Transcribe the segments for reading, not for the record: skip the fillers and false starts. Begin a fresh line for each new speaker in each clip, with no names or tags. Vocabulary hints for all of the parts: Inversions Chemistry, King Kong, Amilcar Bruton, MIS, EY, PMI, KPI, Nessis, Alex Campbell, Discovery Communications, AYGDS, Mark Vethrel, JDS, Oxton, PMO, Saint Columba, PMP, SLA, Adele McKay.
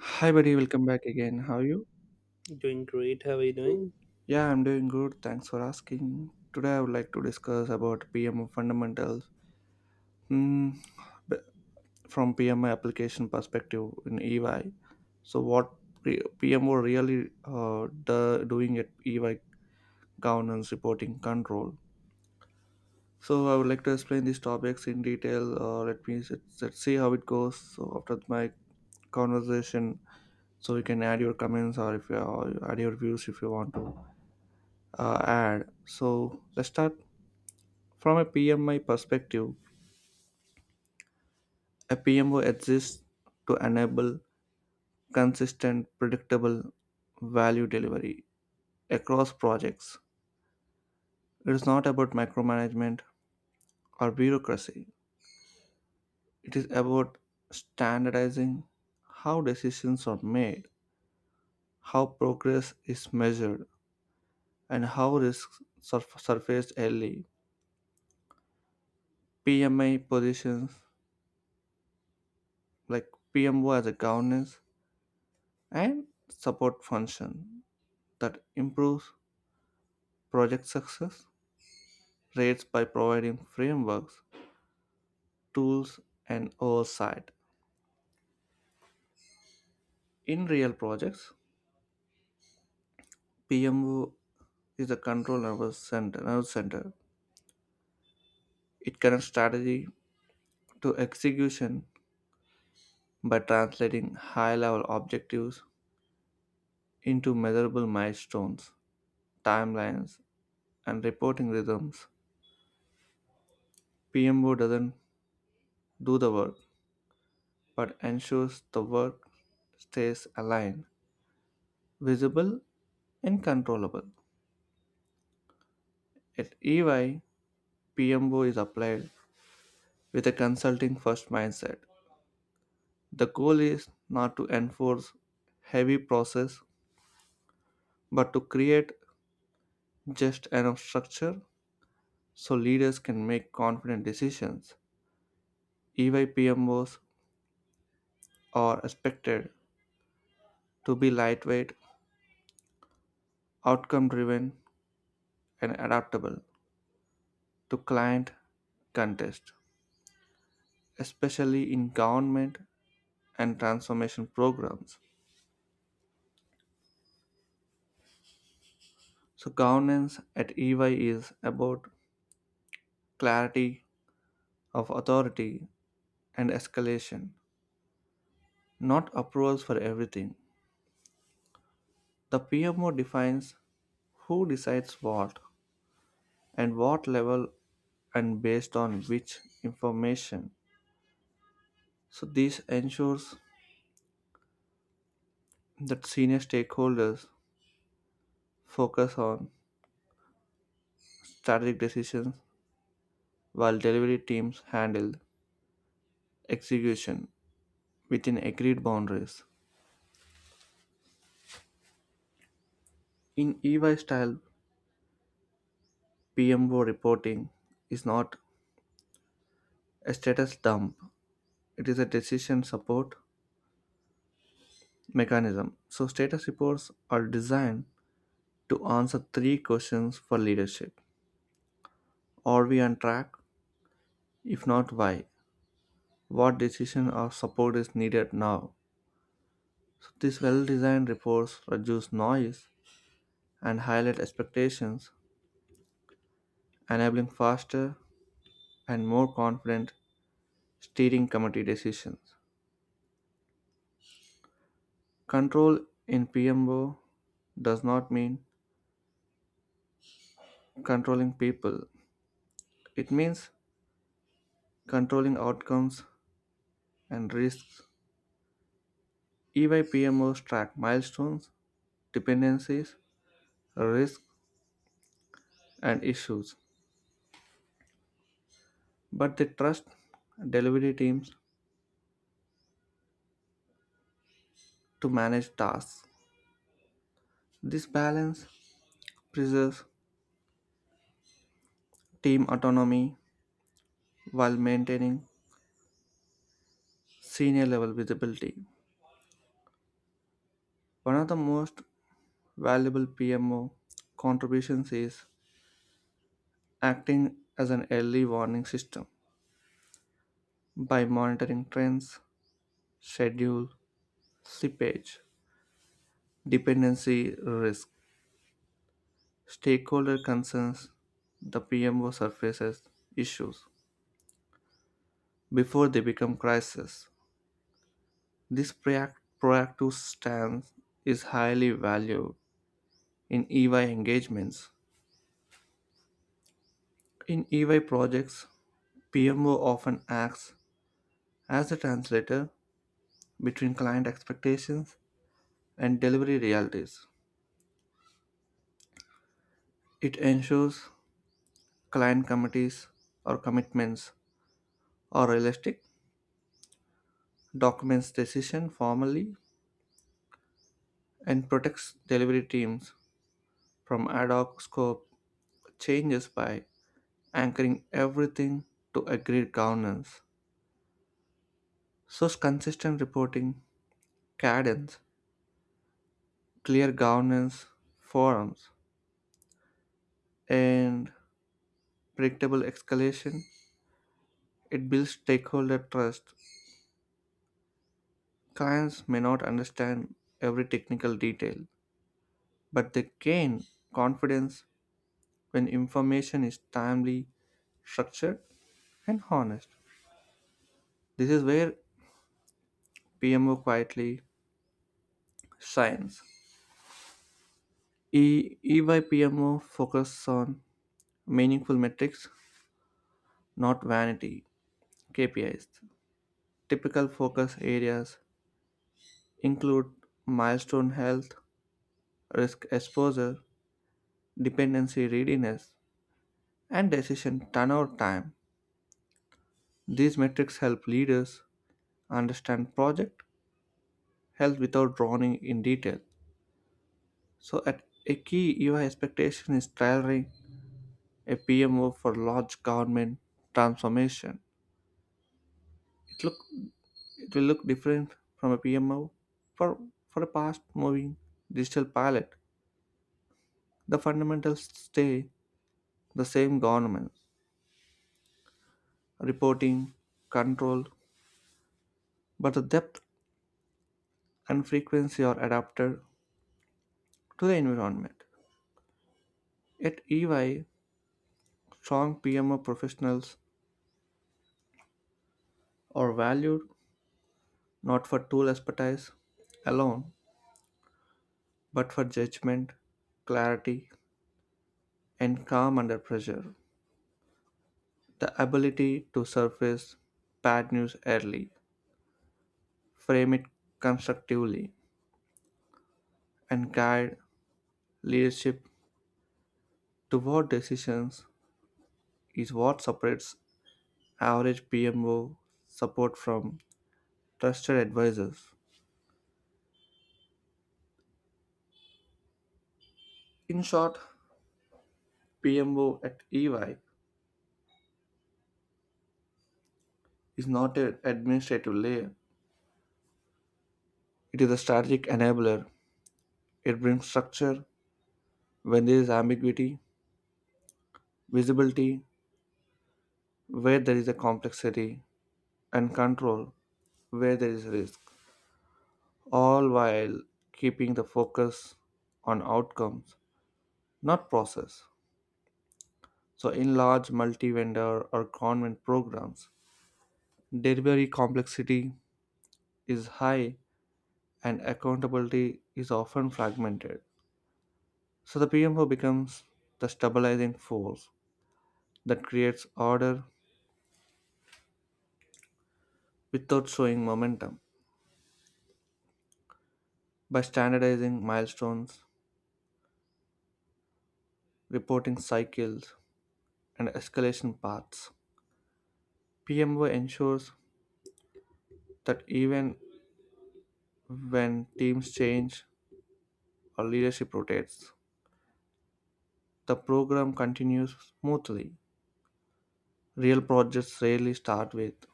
Hi, buddy. Welcome back again. How are you?
Doing great. How are you doing?
Yeah, I'm doing good. Thanks for asking. Today, I would like to discuss about PMO fundamentals Hmm, b- from PMO application perspective in EY. So, PMO really doing at EY: governance, reporting, control. So, I would like to explain these topics in detail. Let's see how it goes. So, after my conversation, so you can add your comments or if you add your views if you want to add. So let's start from a PMI perspective. A PMO exists to enable consistent, predictable value delivery across projects. It is not about micromanagement or bureaucracy. It is about standardizing how decisions are made, how progress is measured, and how risks surfaced early. PMI positions like PMO as a governance and support function that improves project success rates by providing frameworks, tools, and oversight. In real projects, PMO is the control nervous center. Nervous center. It connects strategy to execution by translating high-level objectives into measurable milestones, timelines, and reporting rhythms. PMO doesn't do the work, but ensures the work stays aligned, visible, and controllable. At EY, PMO is applied with a consulting first mindset. The goal is not to enforce heavy process but to create just enough structure so leaders can make confident decisions. EY PMOs are expected to be lightweight, outcome driven, and adaptable to client context, especially in government and transformation programs. So, governance at EY is about clarity of authority and escalation, not approvals for everything. The PMO defines who decides what and what level and based on which information. So this ensures that senior stakeholders focus on strategic decisions while delivery teams handle execution within agreed boundaries. In EY style, PMO reporting is not a status dump. It is a decision support mechanism. So, status reports are designed to answer three questions for leadership: Are we on track? If not, why? What decision or support is needed now? So, these well designed reports reduce noise and highlight expectations, enabling faster and more confident steering committee decisions. Control in PMO does not mean controlling people, it means controlling outcomes and risks. EY PMOs track milestones, dependencies, risks, and issues, but they trust delivery teams to manage tasks. This balance preserves team autonomy while maintaining senior level visibility. One of the most valuable PMO contributions is acting as an early warning system. By monitoring trends, schedule, slippage, dependency risk, stakeholder concerns, the PMO surfaces issues before they become crises. This proactive stance is highly valued in EY engagements. In EY projects, PMO often acts as a translator between client expectations and delivery realities. It ensures client committees or commitments are realistic, documents decision formally, and protects delivery teams from ad hoc scope changes by anchoring everything to agreed governance. So, consistent reporting, cadence, clear governance forums, and predictable escalation, it builds stakeholder trust. Clients may not understand every technical detail, but they gain confidence when information is timely, structured, and honest. This is where PMO quietly shines. EYPMO focuses on meaningful metrics, not vanity KPIs. Typical focus areas include milestone health, risk exposure, dependency readiness, and decision turnover time. These metrics help leaders understand project health without drowning in detail. So, at a key UI expectation is tailoring a PMO for large government transformation. It look It will look different from a PMO. For, for a fast moving digital pilot, the fundamentals stay the same: governance, reporting, control, but the depth and frequency are adapted to the environment. At EY, strong PMO professionals are valued not for tool expertise alone, but for judgment, clarity, and calm under pressure. The ability to surface bad news early, frame it constructively, and guide leadership toward decisions is what separates average PMO support from trusted advisors. In short, PMO at EY is not an administrative layer, it is a strategic enabler. It brings structure when there is ambiguity, visibility where there is a complexity, and control where there is risk, all while keeping the focus on outcomes not process. So, in large multi vendor or convent programs, delivery complexity is high and accountability is often fragmented. So, the PMO becomes the stabilizing force that creates order without showing momentum. By standardizing milestones, reporting cycles, and escalation paths, PMO ensures that even when teams change or leadership rotates, the program continues smoothly. Real projects rarely start with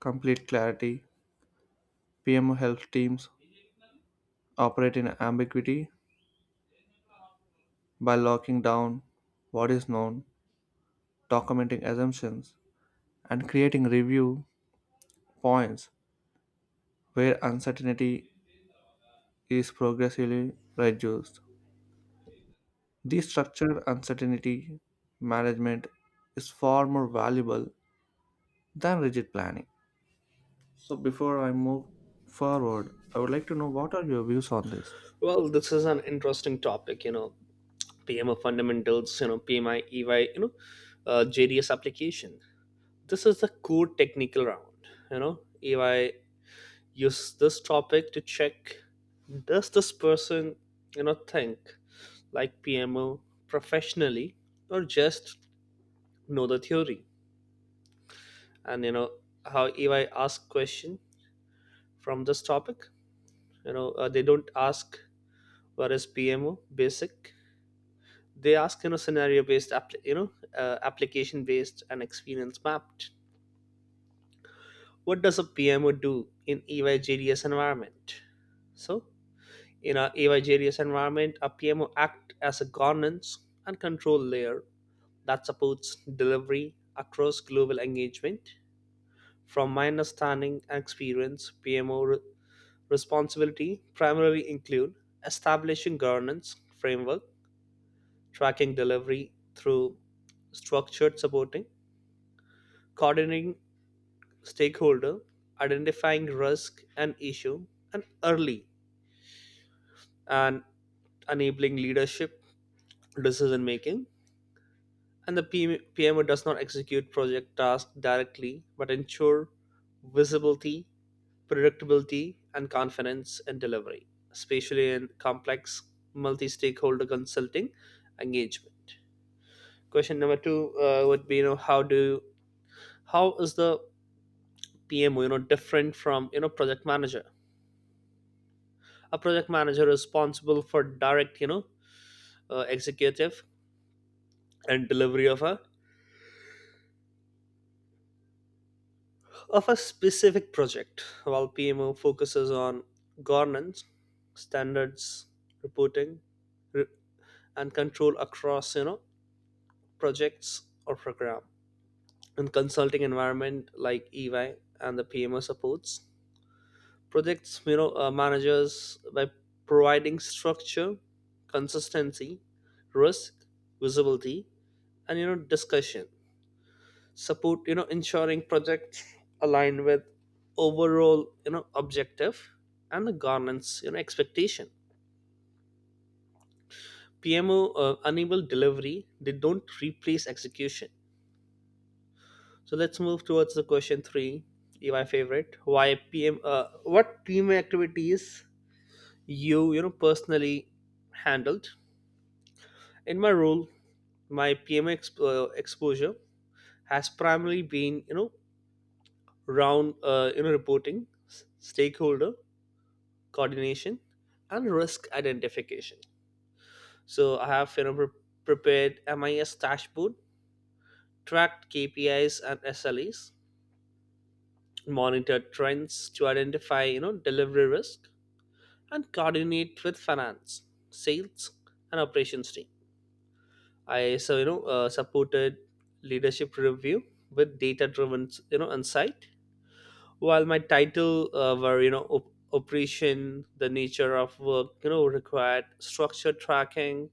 complete clarity. PMO helps teams operate in ambiguity by locking down what is known, documenting assumptions, and creating review points where uncertainty is progressively reduced. This structured uncertainty management is far more valuable than rigid planning. So, before I move forward, I would like to know what are your views on this?
Well, this is an interesting topic, PMO fundamentals, PMI, EY, JDS application. This is the core technical round. EY use this topic to check does this person, think like PMO professionally or just know the theory? And, how EY ask question from this topic, they don't ask what is PMO basic, they ask scenario based application based and experience mapped. What does a PMO do in EYJDS environment? So in our EYJDS environment, a PMO act as a governance and control layer that supports delivery across global engagement. From my understanding and experience, PMO responsibility primarily include establishing governance framework, tracking delivery through structured supporting, coordinating stakeholder, identifying risk and issue, and early and enabling leadership decision making. And the PM PMO does not execute project tasks directly, but ensure visibility, predictability, and confidence in delivery, especially in complex multi-stakeholder consulting engagement. Question number two would be, how do how is the PMO, different from project manager? A project manager responsible for direct executive and delivery of a specific project, while PMO focuses on governance, standards, reporting re- and control across projects or program. In consulting environment like EY, and the PMO supports projects managers by providing structure, consistency, risk visibility, and discussion support, ensuring projects align with overall objective and the governance expectation. PMO enable delivery, they don't replace execution. So let's move towards the question 3, my favorite. Why pm What team activities personally handled in my role? My PM exposure has primarily been round reporting, s- stakeholder coordination, and risk identification. So I have, prepared MIS dashboard, tracked KPIs and SLAs, monitored trends to identify delivery risk, and coordinate with finance, sales, and operations team. I so supported leadership review with data driven insight. While my title were operation, the nature of work required structured tracking,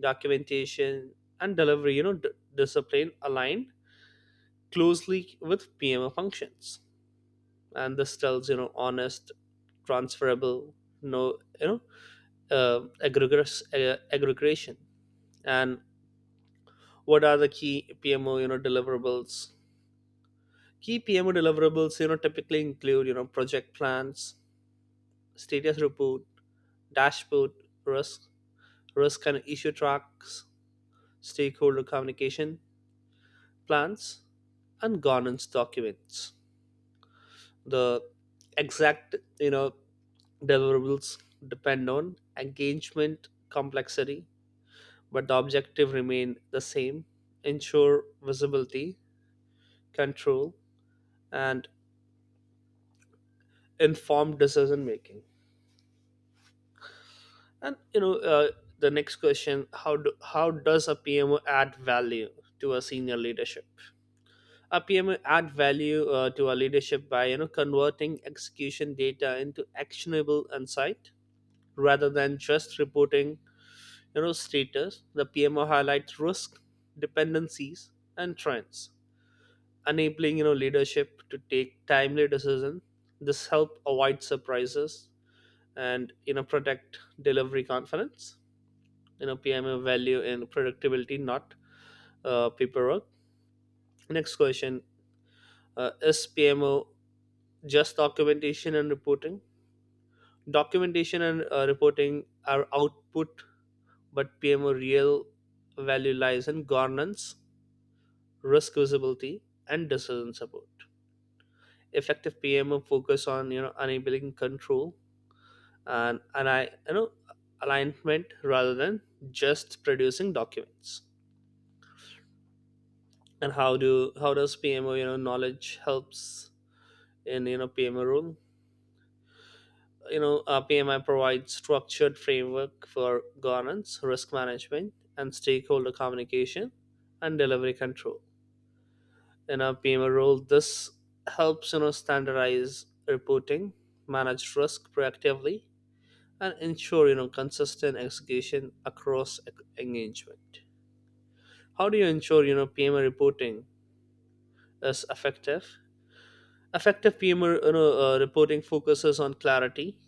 documentation, and delivery discipline aligned closely with PMO functions, and this tells honest transferable, no aggregation. And what are the key PMO deliverables? Key PMO deliverables typically include project plans, status report, dashboard, risk risk and issue tracks, stakeholder communication plans, and governance documents. The exact deliverables depend on engagement complexity, but the objective remain the same: ensure visibility, control, and informed decision making. And the next question: how does a PMO add value to a senior leadership? A PMO add value to a leadership by converting execution data into actionable insight rather than just reporting status. The PMO highlights risk, dependencies, and trends, enabling leadership to take timely decisions. This help avoid surprises and protect delivery confidence. PMO value in productivity, not paperwork. Next question: is PMO just documentation and reporting? Documentation and reporting are output, but PMO real value lies in governance, risk visibility, and decision support. Effective PMO focus on enabling control and I you know alignment rather than just producing documents. And how does PMO knowledge helps in PMO role? PMI provides structured framework for governance, risk management, and stakeholder communication and delivery control in a PMO role. This helps standardize reporting, manage risk proactively, and ensure consistent execution across engagement. How do you ensure PMO reporting is effective? Effective PMO reporting focuses on clarity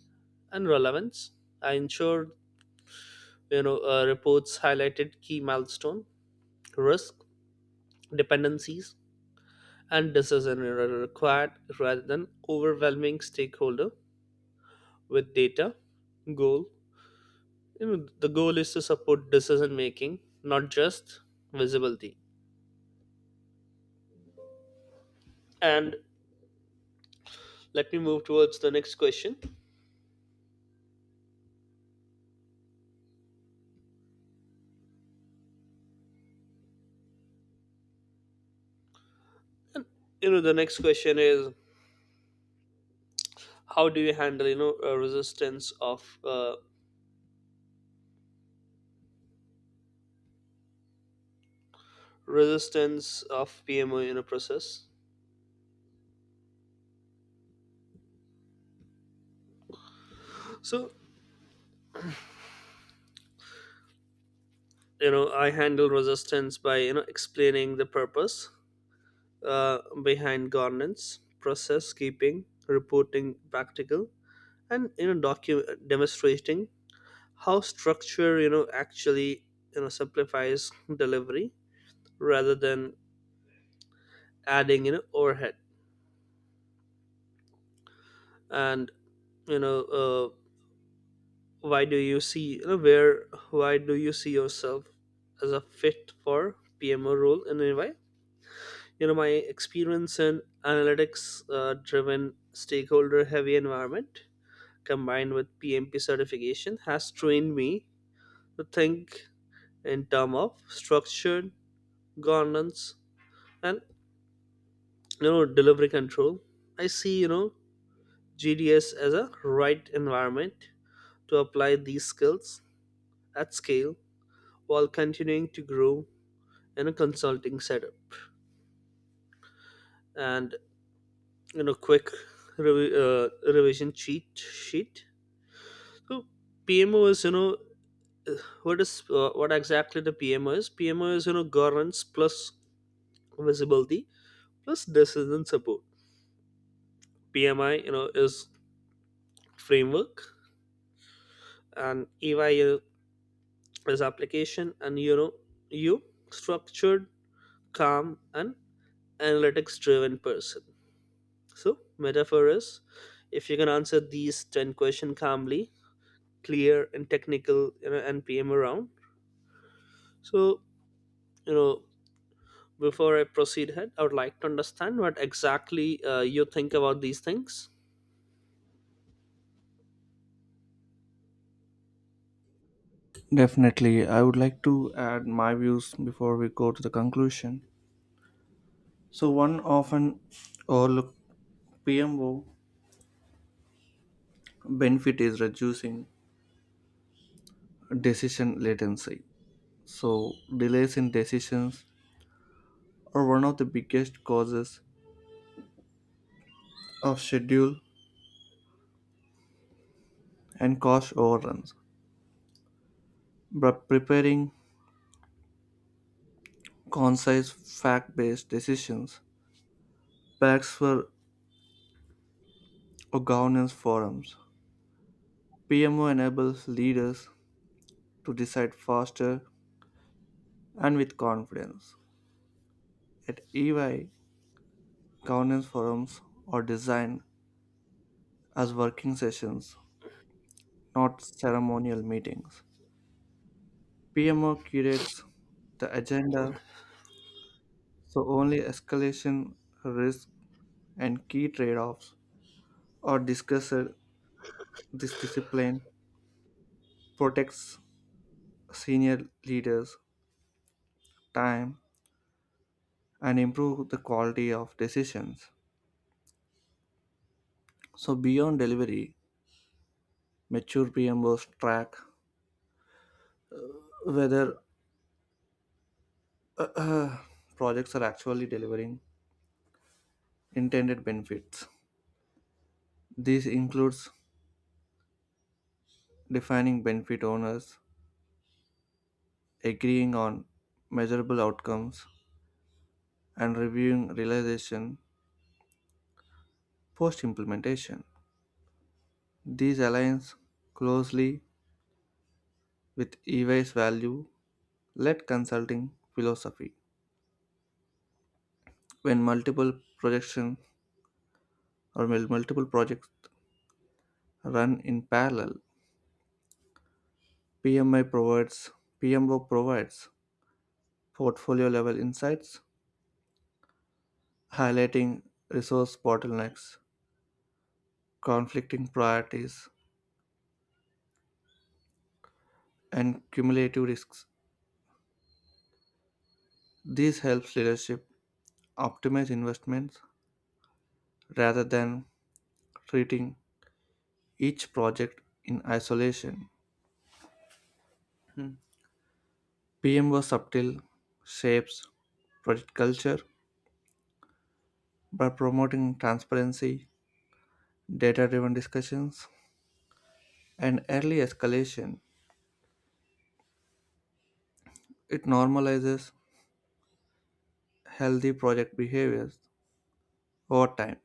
and relevance. I ensure reports highlighted key milestone, risk, dependencies, and decision required rather than overwhelming stakeholder with data. Goal you know, the goal is to support decision making, not just visibility. And let me move towards the next question. The next question is, how do you handle resistance of PMO in a process? So I handle resistance by explaining the purpose behind governance process, keeping reporting practical, and demonstrating how structure actually simplifies delivery rather than adding overhead. And you know why do you see you know where why do you see yourself as a fit for PMO role in any way? My experience in analytics driven stakeholder heavy environment, combined with PMP certification, has trained me to think in terms of structured governance and delivery control. I see GDS as a right environment to apply these skills at scale while continuing to grow in a consulting setup. And quick revi- uh, revision cheat sheet. So pmo is you know what is what exactly the PMO is. PMO is governance plus visibility plus decision support. PMI is framework and EY his application and you structured, calm, and analytics driven person. So metaphor is, if you can answer these 10 question calmly, clear and technical, and PM around. So you know before I proceed ahead, I would like to understand what exactly you think about these things.
Definitely, I would like to add my views before we go to the conclusion. So, one often overlooked PMO benefit is reducing decision latency. So, delays in decisions are one of the biggest causes of schedule and cost overruns. But preparing concise, fact based decisions packs for or governance forums, PMO enables leaders to decide faster and with confidence. At EY, governance forums are designed as working sessions, not ceremonial meetings. PMO curates the agenda so only escalation, risk, and key trade offs are discussed. This discipline protects senior leaders' time and improve the quality of decisions. So beyond delivery, mature PMOs track whether projects are actually delivering intended benefits. This includes defining benefit owners, agreeing on measurable outcomes, and reviewing realization post implementation. These aligns closely with EY's value led consulting philosophy. When multiple projection or mul- multiple projects run in parallel, PMI provides PMO provides portfolio level insights highlighting resource bottlenecks, conflicting priorities, and cumulative risks. This helps leadership optimize investments rather than treating each project in isolation. PMO was subtle, shapes project culture by promoting transparency, data driven discussions, and early escalation. It normalizes healthy project behaviors over time.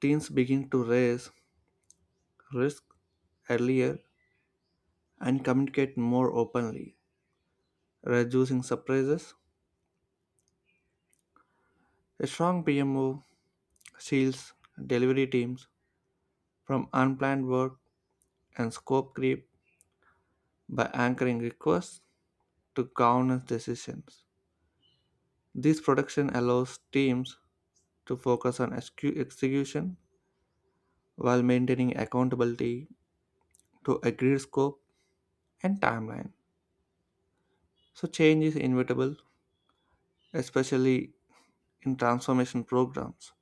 Teams begin to raise risk earlier and communicate more openly, reducing surprises. A strong PMO shields delivery teams from unplanned work and scope creep by anchoring requests to governance decisions. This protection allows teams to focus on execution while maintaining accountability to agreed scope and timeline. So, change is inevitable, especially in transformation programs.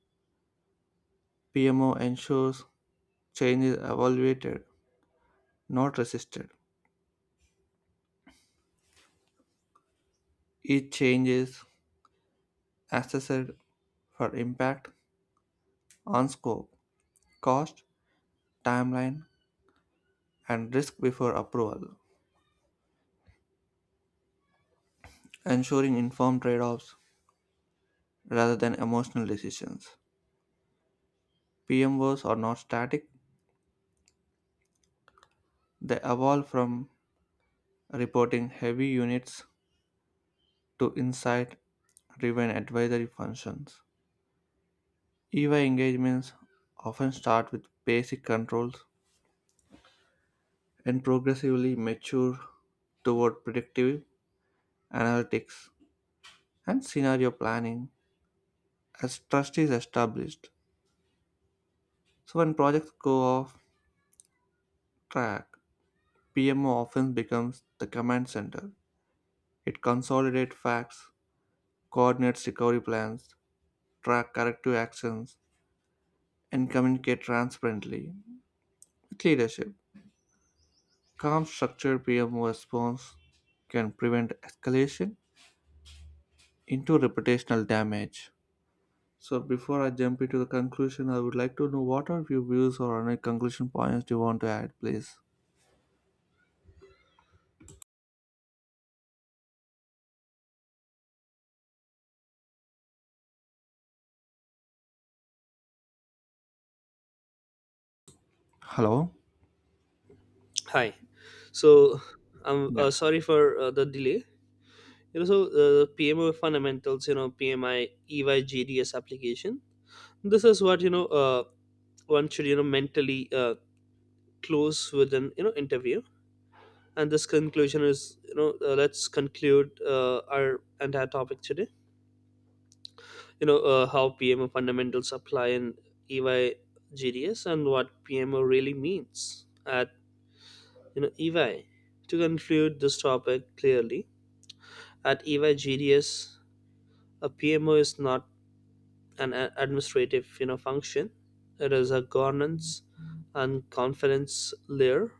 PMO ensures change is evaluated, not resisted. Each change is assessed for impact on scope, cost, timeline, and risk before approval, ensuring informed trade offs rather than emotional decisions. PMOs are not static, they evolve from reporting heavy units to insight driven advisory functions. EY engagements often start with basic controls and progressively mature toward predictive analytics and scenario planning as trust is established. So when projects go off track, PMO often becomes the command center. It consolidates facts, coordinates recovery plans, track corrective actions, and communicate transparently with leadership. Calm structured PMO response can prevent escalation into reputational damage. So before I jump into the conclusion, I would like to know what are your views or any conclusion points you want to add, please. Hello?
Hi. So I'm
Yeah.
sorry for the delay. you know so PMO fundamentals, PMI, EYGDS application. This is what one should mentally close with an interview. And this conclusion is, let's conclude our entire topic today, how PMO fundamentals apply in EY GDS and what PMO really means at EY. To conclude this topic clearly, at EY GDS, a PMO is not an administrative function. It is a governance and confidence layer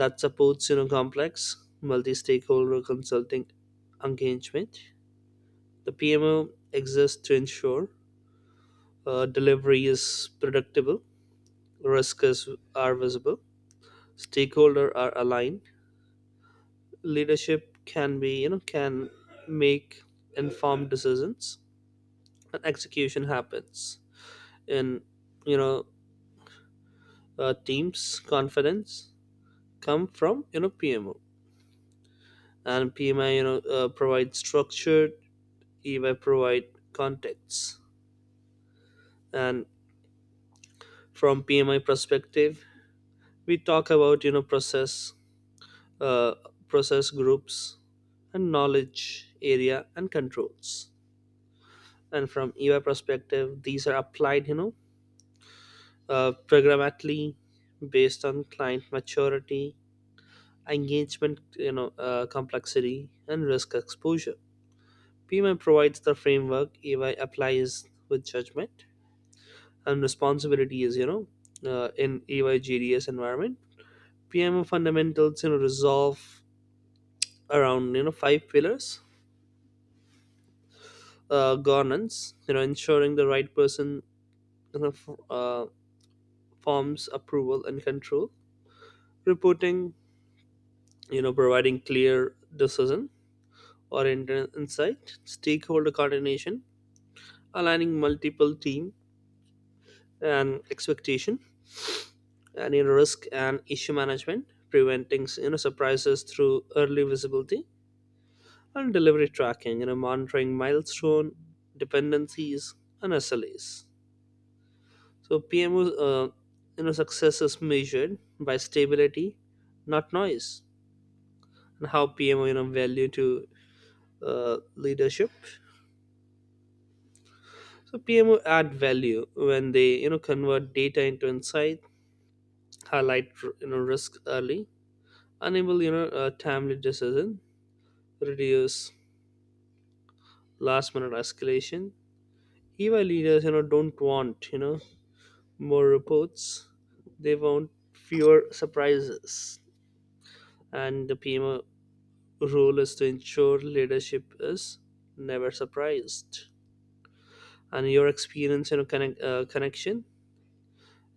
that supports complex multi-stakeholder consulting engagement. The PMO exists to ensure delivery is predictable, risks are visible, stakeholders are aligned, leadership can be you know can make informed decisions, and execution happens in you know teams. Confidence come from PMO, and PMI provides structured, EY provide context. And from PMI perspective, we talk about process, uh, process groups, and knowledge area and controls. And from EY perspective, these are applied programmatically based on client maturity, engagement complexity, and risk exposure. PMI provides the framework. EY applies with judgment and responsibilities, in AYGDS environment. PMO fundamentals resolve around 5 pillars: governance, ensuring the right person you know f- uh, forms approval and control; reporting, providing clear decision or insight; stakeholder coordination, aligning multiple team and expectation; and risk and issue management, preventing surprises through early visibility; and delivery tracking, monitoring milestone dependencies and SLAs. So PMO, success is measured by stability, not noise. And how PMO, value to leadership. So PMO add value when they, convert data into insight, highlight, risk early, enable, a timely decision, reduce last minute escalation. EY leaders, don't want, more reports. They want fewer surprises. And the PMO role is to ensure leadership is never surprised. And your experience, connection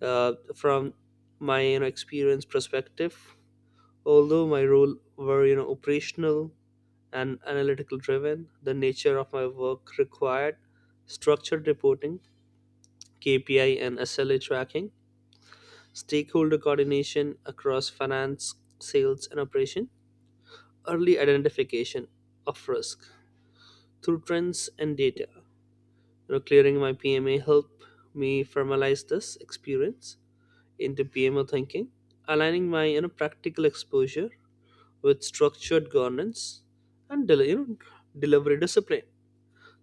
from my experience perspective, although my role were operational and analytical driven, the nature of my work required structured reporting, KPI and SLA tracking, stakeholder coordination across finance, sales, and operation, early identification of risk through trends and data. Clearing my PMA helped me formalize this experience into PMO thinking, aligning my practical exposure with structured governance and delivery discipline.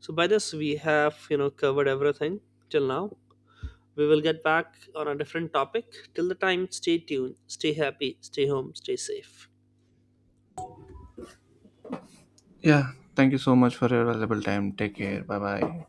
So by this we have covered everything till now. We will get back on a different topic. Till the time, stay tuned, stay happy, stay home, stay safe.
Yeah, thank you so much for your valuable time. Take care. Bye bye.